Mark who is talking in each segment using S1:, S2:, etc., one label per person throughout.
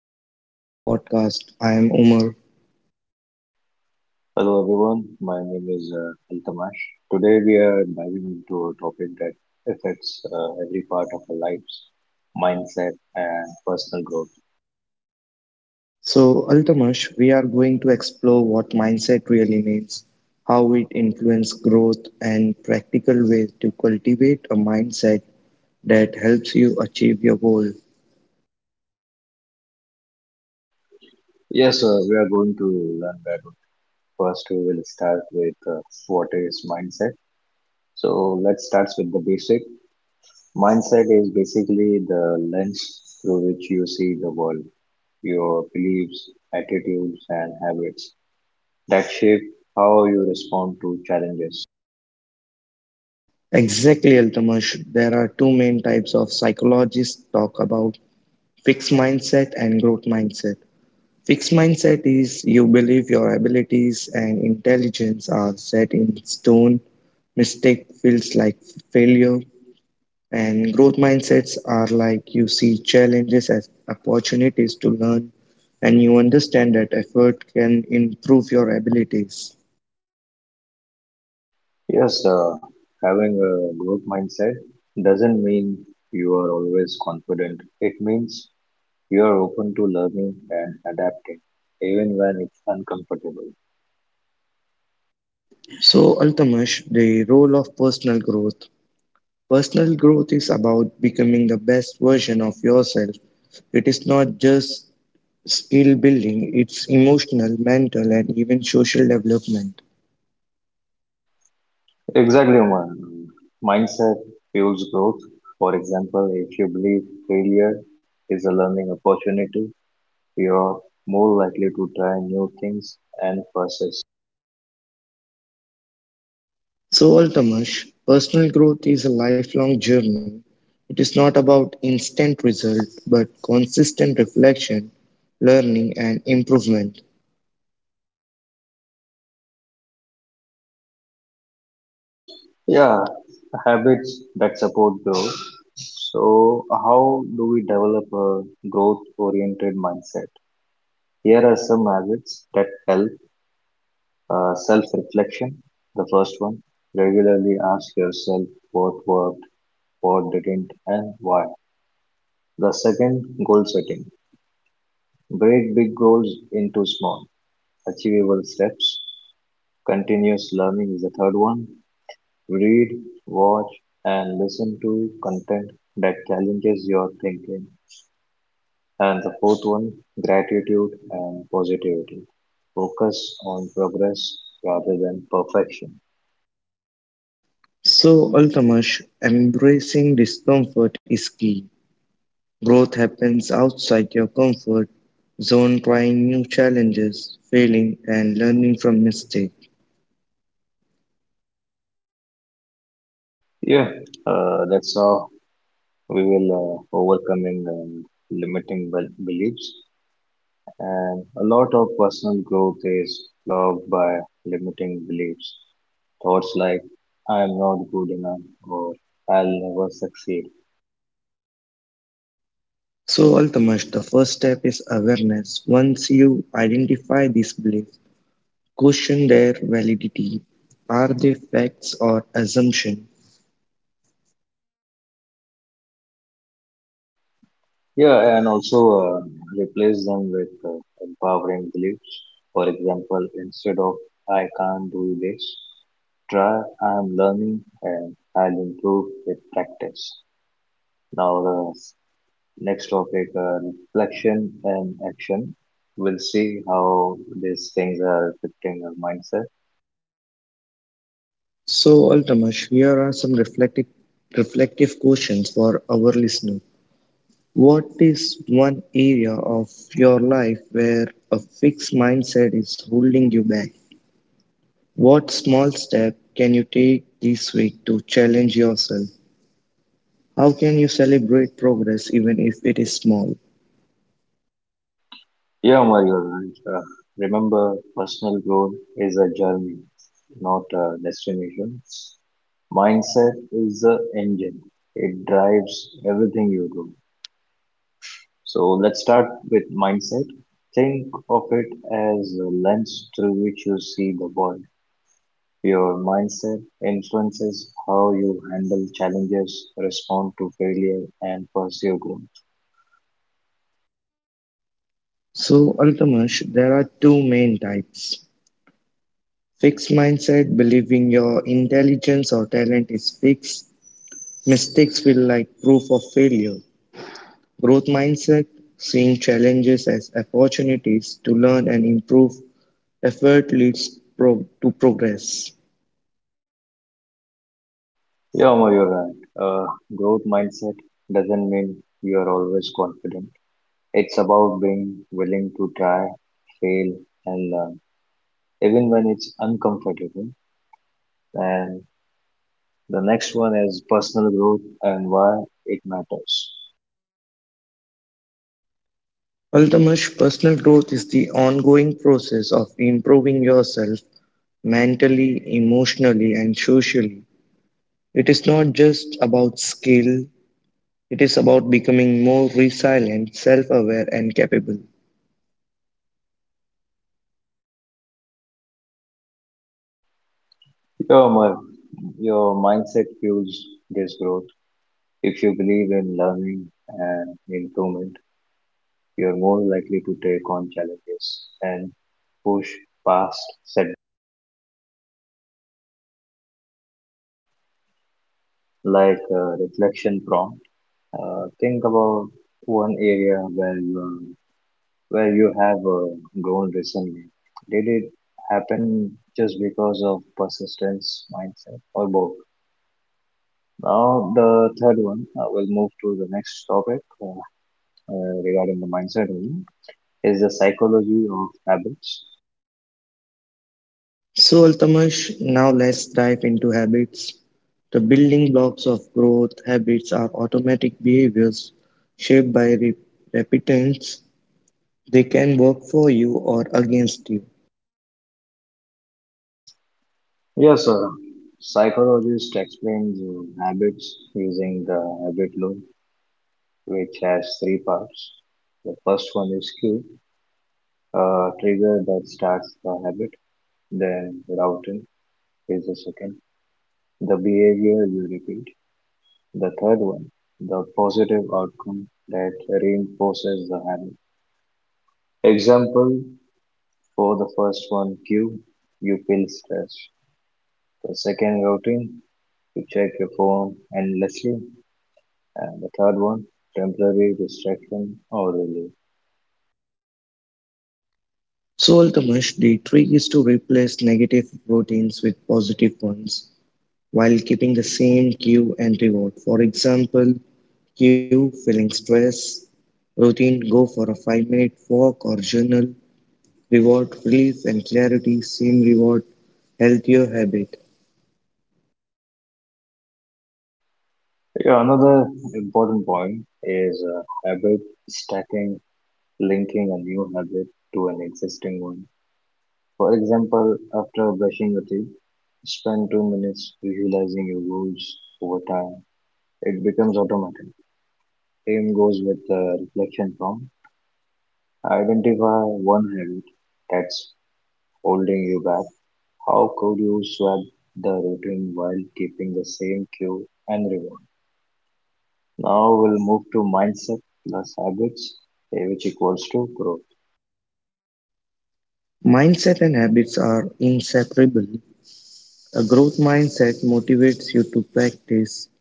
S1: welcome back to podcast. I am Umar.
S2: Hello everyone, my name is Altamash. Today we are diving into a topic that affects every part of our lives, mindset and personal growth.
S1: So, Altamash, we are going to explore what mindset really means, how it influences growth, and practical ways to cultivate a mindset that helps you achieve your goal.
S2: Yes, we are going to learn that first we will start with what is mindset. So let's start with the basic. Mindset is basically the lens through which you see the world, your beliefs, attitudes and habits that shape how you respond to challenges.
S1: Exactly, Altamash. There are two main types of psychologists talk about fixed mindset and growth mindset. Fixed mindset is you believe your abilities and intelligence are set in stone. Mistake feels like failure. And growth mindsets are like you see challenges as opportunities to learn and you understand that effort can improve your abilities.
S2: Yes, having a growth mindset doesn't mean you are always confident. It means you are open to learning and adapting, even when it's uncomfortable.
S1: So, Altamash, the role of personal growth. Personal growth is about becoming the best version of yourself. It is not just skill building, it's emotional, mental, and even social development.
S2: Exactly, man. Mindset fuels growth. For example, if you believe failure is a learning opportunity, you are more likely to try new things and persist.
S1: So, Altamash, personal growth is a lifelong journey. It is not about instant result, but consistent reflection, learning, and improvement.
S2: Yeah, habits that support growth. So, how do we develop a growth oriented mindset? Here are some habits that help, self reflection. The first one, regularly ask yourself what worked, what didn't, and why. The second, goal setting. Break big goals into small, achievable steps. Continuous learning is the third one. Read, watch, and listen to content that challenges your thinking. And the fourth one, gratitude and positivity. Focus on progress rather than perfection.
S1: So, Altamash, embracing discomfort is key. Growth happens outside your comfort zone, trying new challenges, failing, and learning from mistakes.
S2: Yeah, that's how we will beliefs. And a lot of personal growth is blocked by limiting beliefs. Thoughts like, I am not good enough or I'll never succeed.
S1: So, Altamash, the first step is awareness. Once you identify these beliefs, question their validity. Are they facts or assumptions?
S2: Yeah, and also replace them with empowering beliefs. For example, instead of I can't do this, try I am learning and I'll improve with practice. Now, the next topic, reflection and action. We'll see how these things are affecting our mindset.
S1: So, Altamash, here are some reflective questions for our listener. What is one area of your life where a fixed mindset is holding you back? What small step can you take this week to challenge yourself? How can you celebrate progress even if it is small?
S2: Yeah, Mario, and remember personal growth is a journey, not a destination. Mindset is the engine, it drives everything you do. So let's start with mindset. Think of it as a lens through which you see the world. Your mindset influences how you handle challenges, respond to failure, and pursue growth.
S1: So, Altamash, there are two main types. Fixed mindset, believing your intelligence or talent is fixed. Mistakes feel like proof of failure. Growth mindset, seeing challenges as opportunities to learn and improve. Effort leads to progress.
S2: Yeah, Omar, you're right. Growth mindset doesn't mean you're always confident. It's about being willing to try, fail, and learn, even when it's uncomfortable. And the next one is personal growth and why it matters.
S1: Altamash, personal growth is the ongoing process of improving yourself mentally, emotionally, and socially. It is not just about skill, it is about becoming more resilient, self aware, and capable.
S2: Yeah, Omar, your mindset fuels this growth. If you believe in learning and improvement, you're more likely to take on challenges and push past setbacks, like reflection prompt. Think about one area where you have grown recently. Did it happen just because of persistence, mindset, or both? Now, the third one, we'll move to the next topic, regarding the mindset only, is the psychology of habits.
S1: So, Altamash, now let's dive into habits. The building blocks of growth habits are automatic behaviors shaped by repentance. They can work for you or against you.
S2: Yes, sir. Psychologist explains habits using the habit loop, which has three parts. The first one is cue, trigger that starts the habit, then routine is the second, the behavior you repeat, the third one, the positive outcome that reinforces the habit. Example for the first one, cue, you feel stressed. The second, routine, you check your phone endlessly. And the third one, temporary distraction or relief.
S1: So, Altamash, the trick is to replace negative routines with positive ones while keeping the same cue and reward. For example, cue feeling stress, routine, go for a 5-minute walk or journal, reward, relief and clarity, same reward, healthier habit.
S2: Yeah, another important point is habit stacking, linking a new habit to an existing one. For example, after brushing your teeth, spend 2 minutes visualizing your goals over time. It becomes automatic. Same goes with the reflection form. Identify one habit that's holding you back. How could you swap the routine while keeping the same cue and reward? Now we'll move to mindset plus habits, which equals to growth.
S1: Mindset and habits are inseparable. A growth mindset motivates you to practice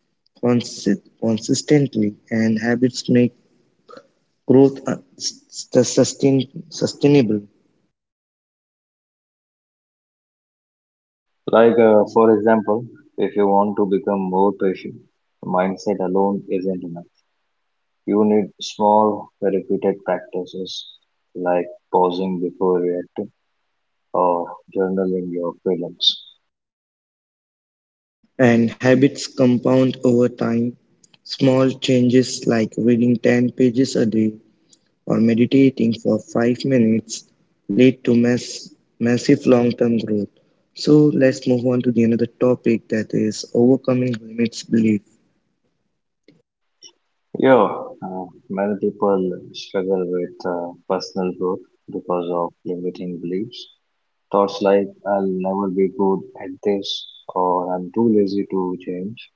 S1: consistently, and habits make growth sustainable.
S2: Like, for example, if you want to become more patient, mindset alone isn't enough. You need small, repeated practices like pausing before reacting or journaling your feelings.
S1: And habits compound over time. Small changes like reading 10 pages a day or meditating for 5 minutes lead to massive long-term growth. So let's move on to the another topic that is overcoming limits belief.
S2: Yeah, many people struggle with personal growth because of limiting beliefs. Thoughts like, I'll never be good at this, or I'm too lazy to change.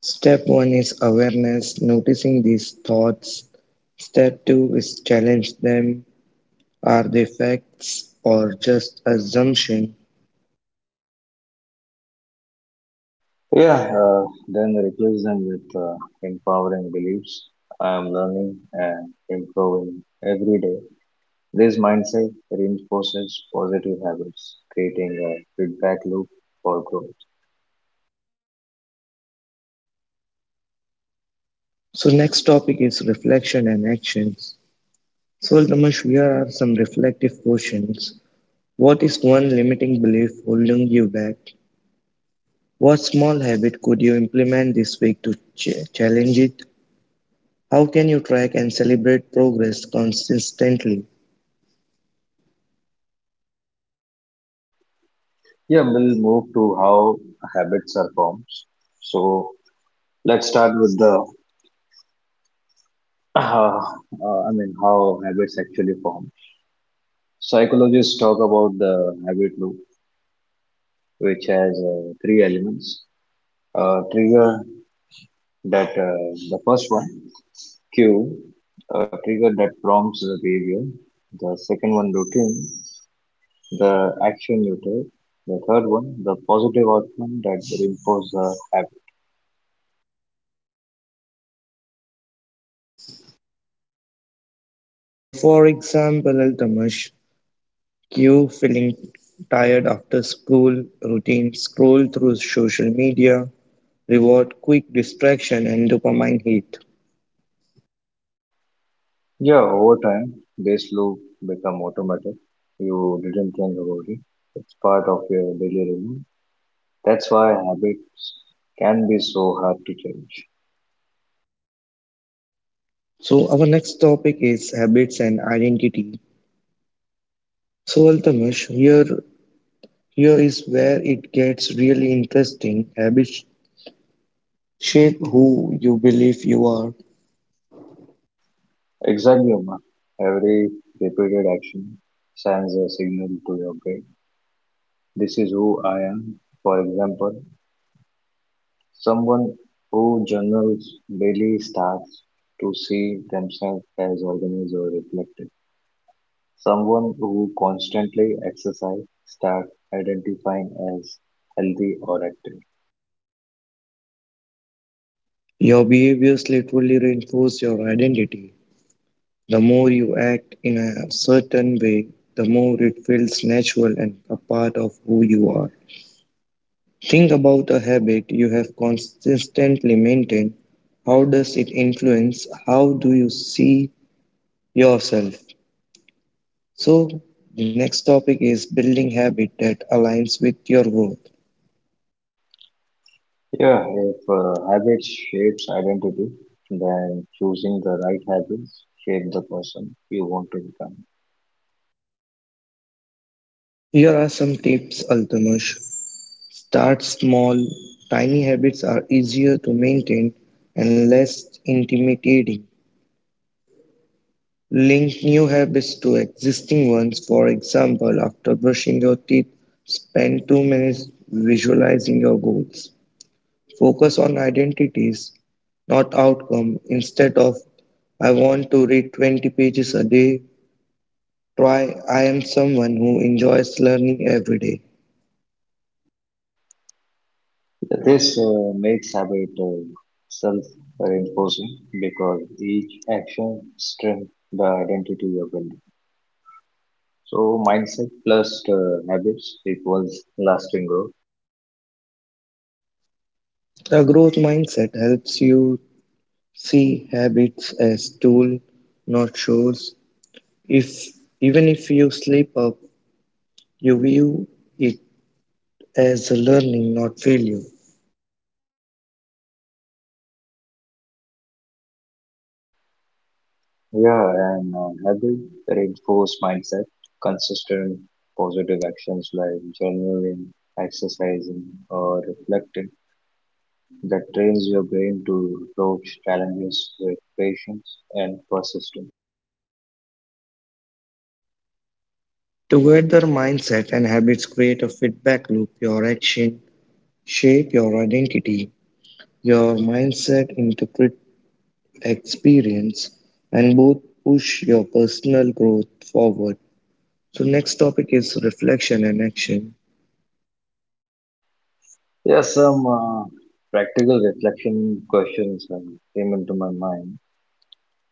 S1: Step one is awareness, noticing these thoughts. Step two is challenge them. Are they facts or just assumption?
S2: Yeah, then replace them with empowering beliefs. I am learning and improving every day. This mindset reinforces positive habits, creating a feedback loop for growth.
S1: So next topic is reflection and actions. So Damash, here are some reflective questions. What is one limiting belief holding you back? What small habit could you implement this week to challenge it? How can you track and celebrate progress consistently?
S2: Yeah, we'll move to how habits are formed. So let's start with I mean, how habits actually form. Psychologists talk about the habit loop, which has three elements: trigger, that the first one, cue, a trigger that prompts the behavior, the second one, routine, the action you take, the third one, the positive outcome that reinforces the habit.
S1: So, for example, Altamash, you feeling tired after school routine, scroll through social media, reward quick distraction and dopamine hit.
S2: Yeah, over time this loop become automatic. You didn't think about it, it's part of your daily routine. That's why habits can be so hard to change.
S1: So, our next topic is habits and identity. So, Altamash, here is where it gets really interesting. Habits shape who you believe you are.
S2: Exactly, Uma. Every repeated action sends a signal to your brain. This is who I am. For example, someone who journals daily starts to see themselves as organized or reflective. Someone who constantly exercise starts identifying as healthy or active.
S1: Your behaviors literally reinforce your identity. The more you act in a certain way, the more it feels natural and a part of who you are. Think about a habit you have consistently maintained. How does it influence how do you see yourself? So, the next topic is building habit that aligns with your growth.
S2: Yeah, if habit shapes identity, then choosing the right habits shape the person you want to become.
S1: Here are some tips, Altanush. Start small, tiny habits are easier to maintain and less intimidating. Link new habits to existing ones, for example, after brushing your teeth, spend 2 minutes visualizing your goals. Focus on identities, not outcome. Instead of I want to read 20 pages a day, try I am someone who enjoys learning every day.
S2: This makes habit self-reinforcing because each action strengthens the identity you're building. So mindset plus habits equals lasting growth.
S1: A growth mindset helps you see habits as tool, not chores. If even if you slip up, you view it as a learning, not failure.
S2: Yeah, and habit reinforce mindset, consistent positive actions like journaling, exercising, or reflecting that trains your brain to approach challenges with patience and persistence.
S1: Together, mindset and habits create a feedback loop. Your action shape your identity. Your mindset interpret experience, and both push your personal growth forward. So, next topic is reflection and action.
S2: Yeah, some practical reflection questions came into my mind.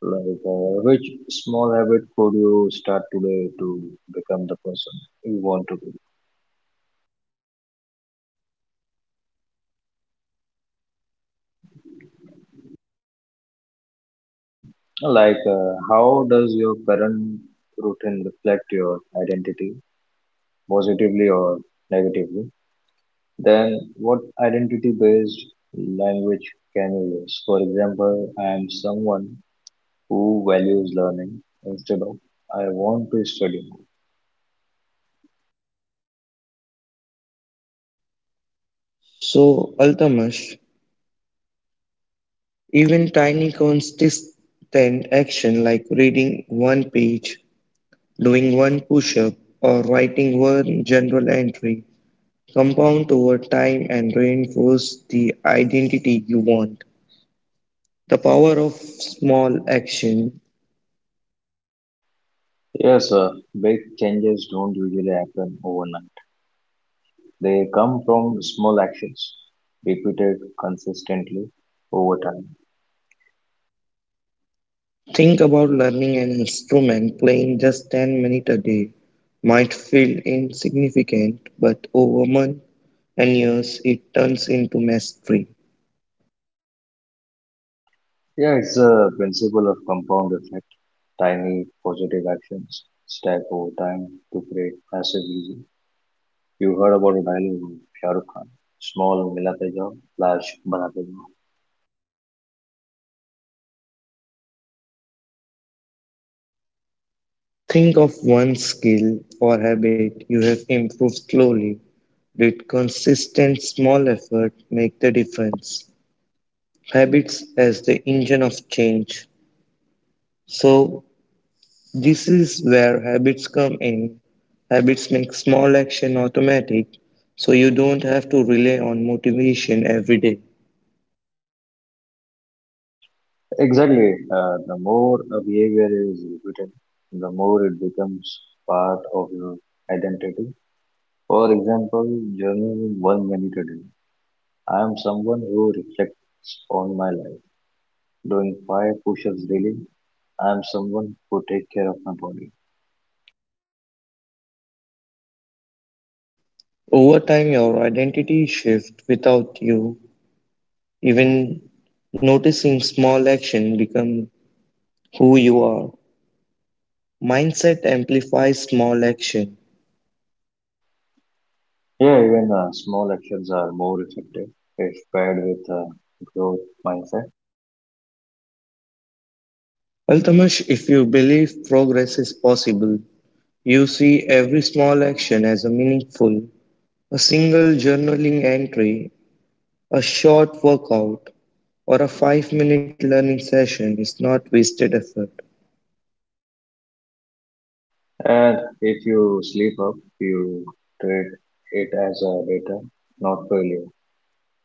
S2: Like, which small habit could you start today to become the person you want to be? Um, like, how does your current routine reflect your identity, positively or negatively? Then, what identity-based language can you use? For example, I am someone who values learning instead of I want to study. More.
S1: So, Altamas, even tiny consistent action like reading one page, doing one push up, or writing one journal entry compound over time and reinforce the identity you want. The power of small action.
S2: Yes, sir. Big changes don't usually happen overnight. They come from small actions repeated consistently over time.
S1: Think about learning an instrument, playing just 10 minutes a day might feel insignificant, but over months and years it turns into mastery.
S2: Yeah, it's the principle of compound effect. Tiny positive actions stack over time to create massive results. You heard about a dialogue of Shah Rukh Khan. Small milate jao, large banate jao.
S1: Think of one skill or habit you have improved slowly. Did consistent small effort make the difference? Habits as the engine of change. So, this is where habits come in. Habits make small action automatic, so you don't have to rely on motivation every day.
S2: Exactly. The more a behavior is repeated, the more it becomes part of your identity. For example, journaling in 1 minute a day. I am someone who reflects on my life, doing 5 push-ups daily. I am someone who take care of my body.
S1: Over time, your identity shifts without you even noticing small action become who you are. Mindset amplifies small action.
S2: Yeah, even small actions are more effective if paired with a growth mindset.
S1: Altamash, if you believe progress is possible, you see every small action as a meaningful. A single journaling entry, a short workout, or a 5-minute learning session is not wasted effort.
S2: And if you sleep up, you treat it as a data, not failure.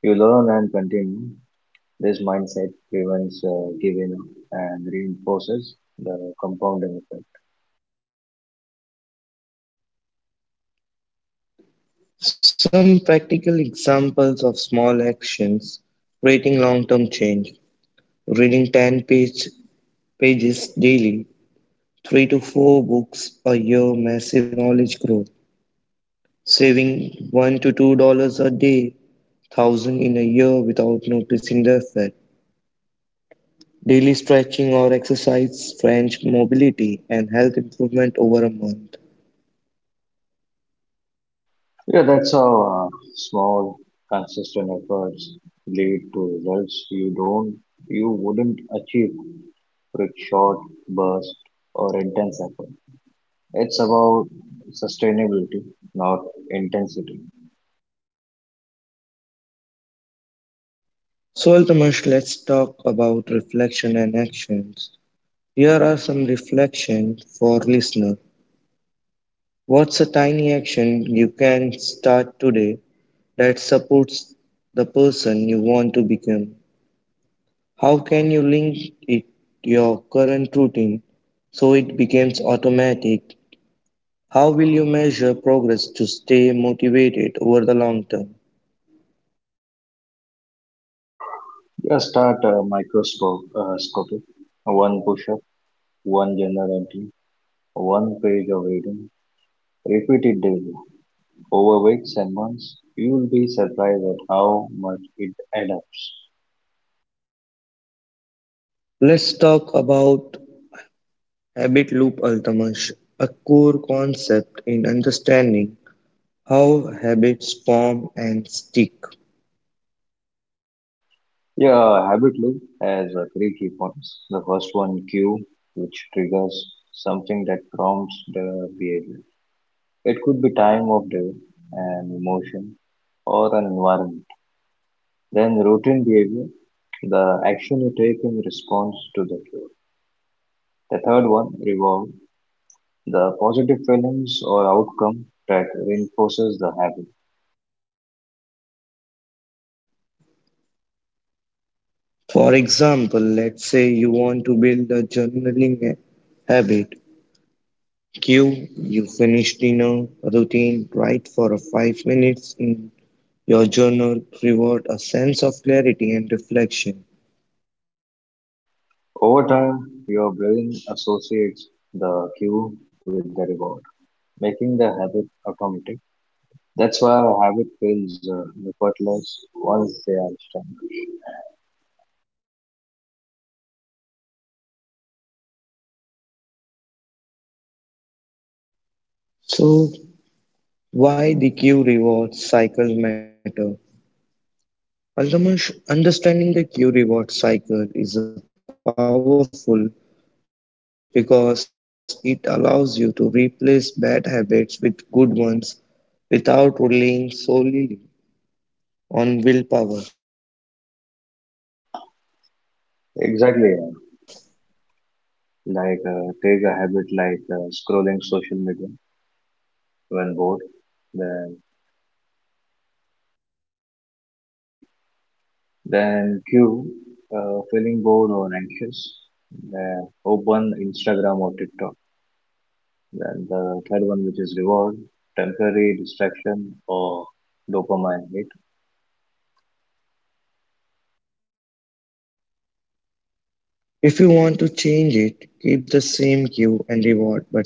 S2: You learn and continue. This mindset prevents giving up and reinforces the compounding effect.
S1: Some practical examples of small actions creating long term change. Reading 10 pages daily, 3 to 4 books a year, massive knowledge growth. Saving $1 to $2 a day, thousand in a year without noticing the effect. Daily stretching or exercise, French mobility, and health improvement over a month.
S2: Yeah, that's how small, consistent efforts lead to results you wouldn't achieve with short burst or intense effort. It's about sustainability, not intensity.
S1: So, Altamash, let's talk about reflection and actions. Here are some reflections for listener. What's a tiny action you can start today that supports the person you want to become? How can you link it to your current routine so it becomes automatic? How will you measure progress to stay motivated over the long term?
S2: Just start microscopic, one push-up, one journal entry, one page of reading. Repeat it daily, over weeks and months. You will be surprised at how much it adapts.
S1: Let's talk about habit loop Altamash, a core concept in understanding how habits form and stick.
S2: Yeah, habit loop has three key points. The first one, cue, which triggers something that prompts the behavior. It could be time of day, an emotion, or an environment. Then routine behavior, the action you take in response to the cue. The third one, reward, the positive feelings or outcome that reinforces the habit.
S1: For example, let's say you want to build a journaling habit. Q, you finish dinner routine, write for 5 minutes in your journal reward a sense of clarity and reflection.
S2: Over time, your brain associates the cue with the reward, making the habit automatic. That's why habit feels effortless once they are established.
S1: So, why the cue reward cycle matter? Ultimately, understanding the cue reward cycle is a powerful because it allows you to replace bad habits with good ones without relying solely on willpower.
S2: Exactly, yeah. Like, take a habit like scrolling social media when bored, then then cue, feeling bored or anxious, then open Instagram or TikTok. Then the third one, which is reward, temporary distraction or dopamine hit.
S1: If you want to change it, keep the same cue and reward but swap the routine.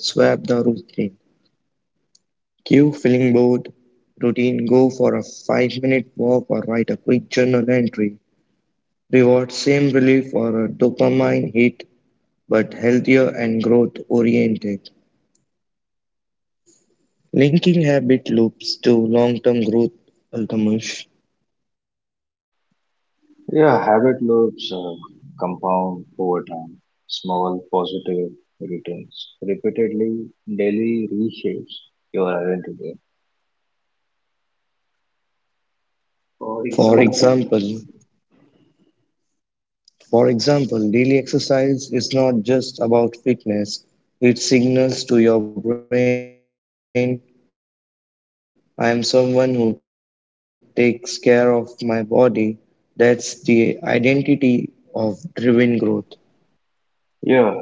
S1: Cue feeling bored. Routine go for a 5-minute walk or write a quick journal entry. Reward same relief or a dopamine hit but healthier and growth oriented. Linking habit loops to long term growth, Altamash.
S2: Yeah, habit loops compound over time. Small positive returns repeatedly daily reshapes your identity. For
S1: For
S2: example,
S1: example, daily exercise is not just about fitness, it signals to your brain, I am someone who takes care of my body. That's the identity of driven growth.
S2: yeah,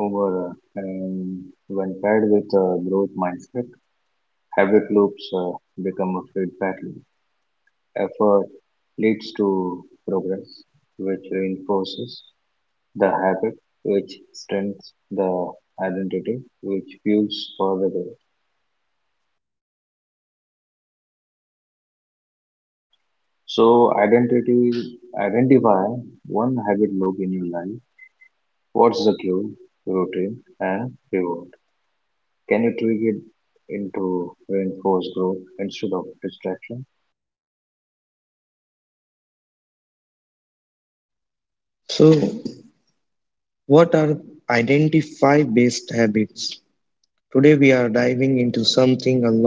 S2: over and when paired with a growth mindset, habit loops become a feedback loop. Effort leads to progress, which reinforces the habit, which strengthens the identity, which fuels further growth. So identity identify one habit loop in your life. What's the cue, routine, and reward? Can you tweak it into reinforced growth instead of distraction?
S1: So, what are identify based habits? Today, we are diving into something a lot of people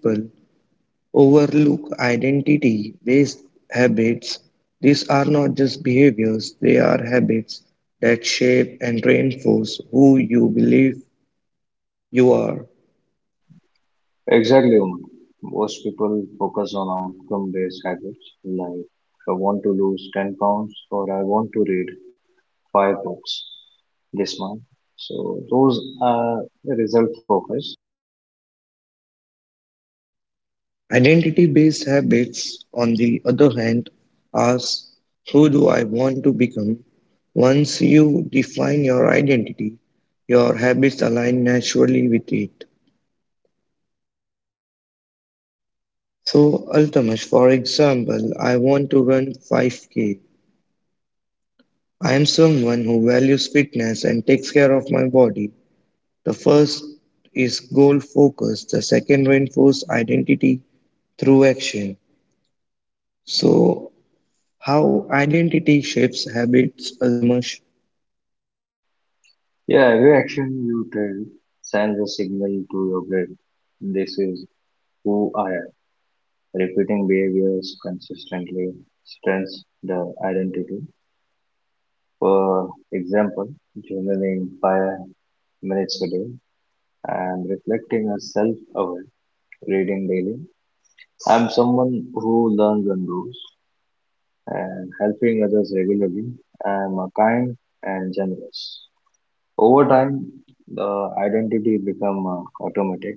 S1: overlook identity based habits. These are not just behaviors, they are habits that shape and reinforce who you believe you are.
S2: Exactly, Umang. Most people focus on outcome-based habits like I want to lose 10 pounds or I want to read 5 books this month. So those are result focus.
S1: Identity based habits, on the other hand, ask who do I want to become? Once you define your identity, your habits align naturally with it. So, Altamash, for example, I want to run 5K. I am someone who values fitness and takes care of my body. The first is goal focus, the second reinforce identity through action. So, how identity shapes habits, Altamash?
S2: Yeah, every action you take sends a signal to your brain. This is who I am. Repeating behaviors consistently strengthens the identity. For example, journaling 5 minutes a day and reflecting as self-aware, reading daily. I'm someone who learns and grows and helping others regularly. I'm a kind and generous. Over time, the identity become automatic.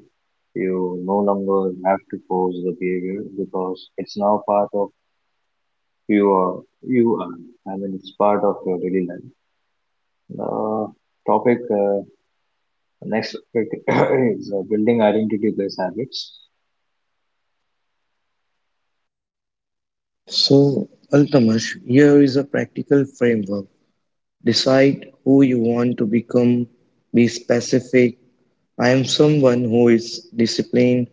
S2: You no longer have to force the behavior because it's now part of you are you are. I mean, it's part of your daily life. The topic next topic is building identity based habits.
S1: So, Altamash, here is a practical framework. Decide who you want to become, be specific. I am someone who is disciplined,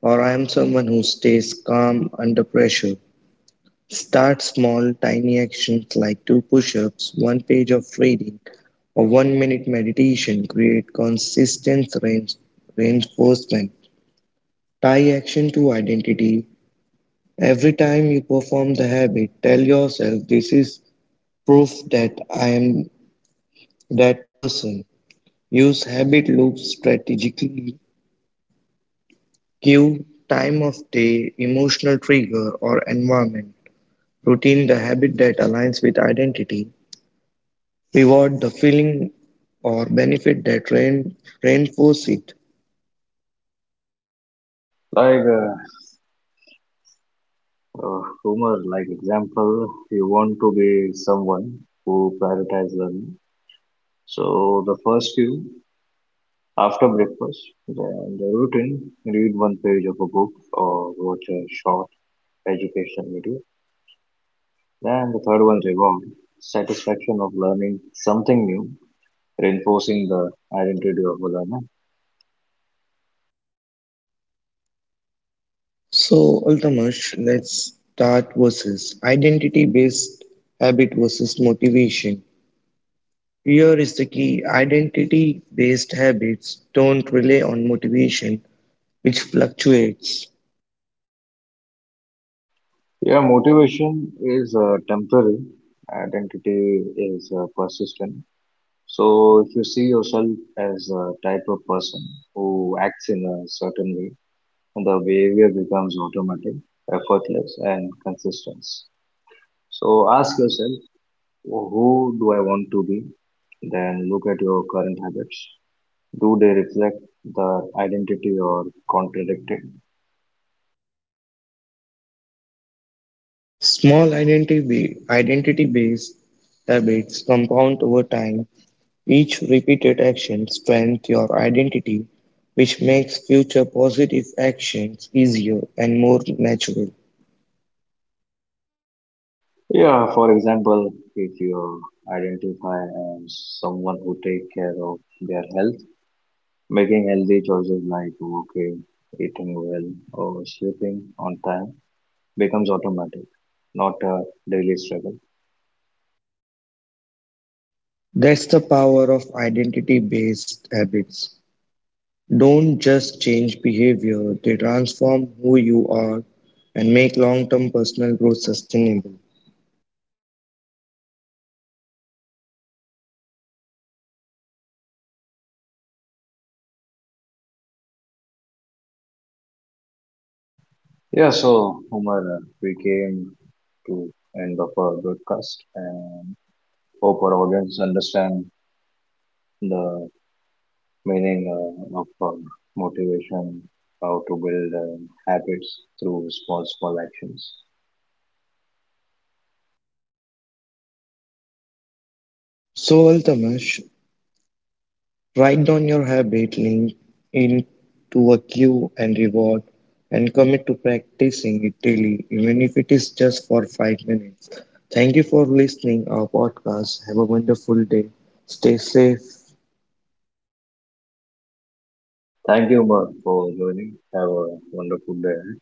S1: or I am someone who stays calm under pressure. Start small, tiny actions like two push ups, one page of reading, or 1-minute meditation. Create consistent range, reinforcement. Tie action to identity. Every time you perform the habit, tell yourself this is proof that I am that person. Use habit loops strategically. Cue, time of day, emotional trigger, or environment. Routine the habit that aligns with identity. Reward the feeling or benefit that reinforce it.
S2: Like, humor, like example, you want to be someone who prioritize learning. So the first few. After breakfast, then the routine, read one page of a book or watch a short educational video. Then the third one is reward, satisfaction of learning something new, reinforcing the identity of a learner.
S1: So, Altamash, let's start versus identity based habit versus motivation. Here is the key identity based habits don't rely on motivation, which fluctuates.
S2: Yeah, motivation is temporary, identity is persistent. So if you see yourself as a type of person who acts in a certain way, the behavior becomes automatic, effortless, and consistent. So ask yourself, who do I want to be? Then look at your current habits. Do they reflect the identity or contradict it?
S1: Small identity based habits compound over time. Each repeated action strengthens your identity, which makes future positive actions easier and more natural.
S2: Yeah, for example, if you identify as someone who take care of their health, making healthy choices like walking, eating well, or sleeping on time becomes automatic, not a daily struggle.
S1: That's the power of identity based habits. Don't just change behavior, they transform who you are and make long term personal growth sustainable.
S2: Yeah, so Umar, we came to end of our broadcast and hope our audience understand the meaning of motivation, how to build habits through small, small actions.
S1: So, Altamash, write down your habit link into a cue and reward and commit to practicing it daily, even if it is just for 5 minutes. Thank you for listening our podcast. Have a wonderful day. Stay safe.
S2: Thank you, Umar, for joining. Have a wonderful day.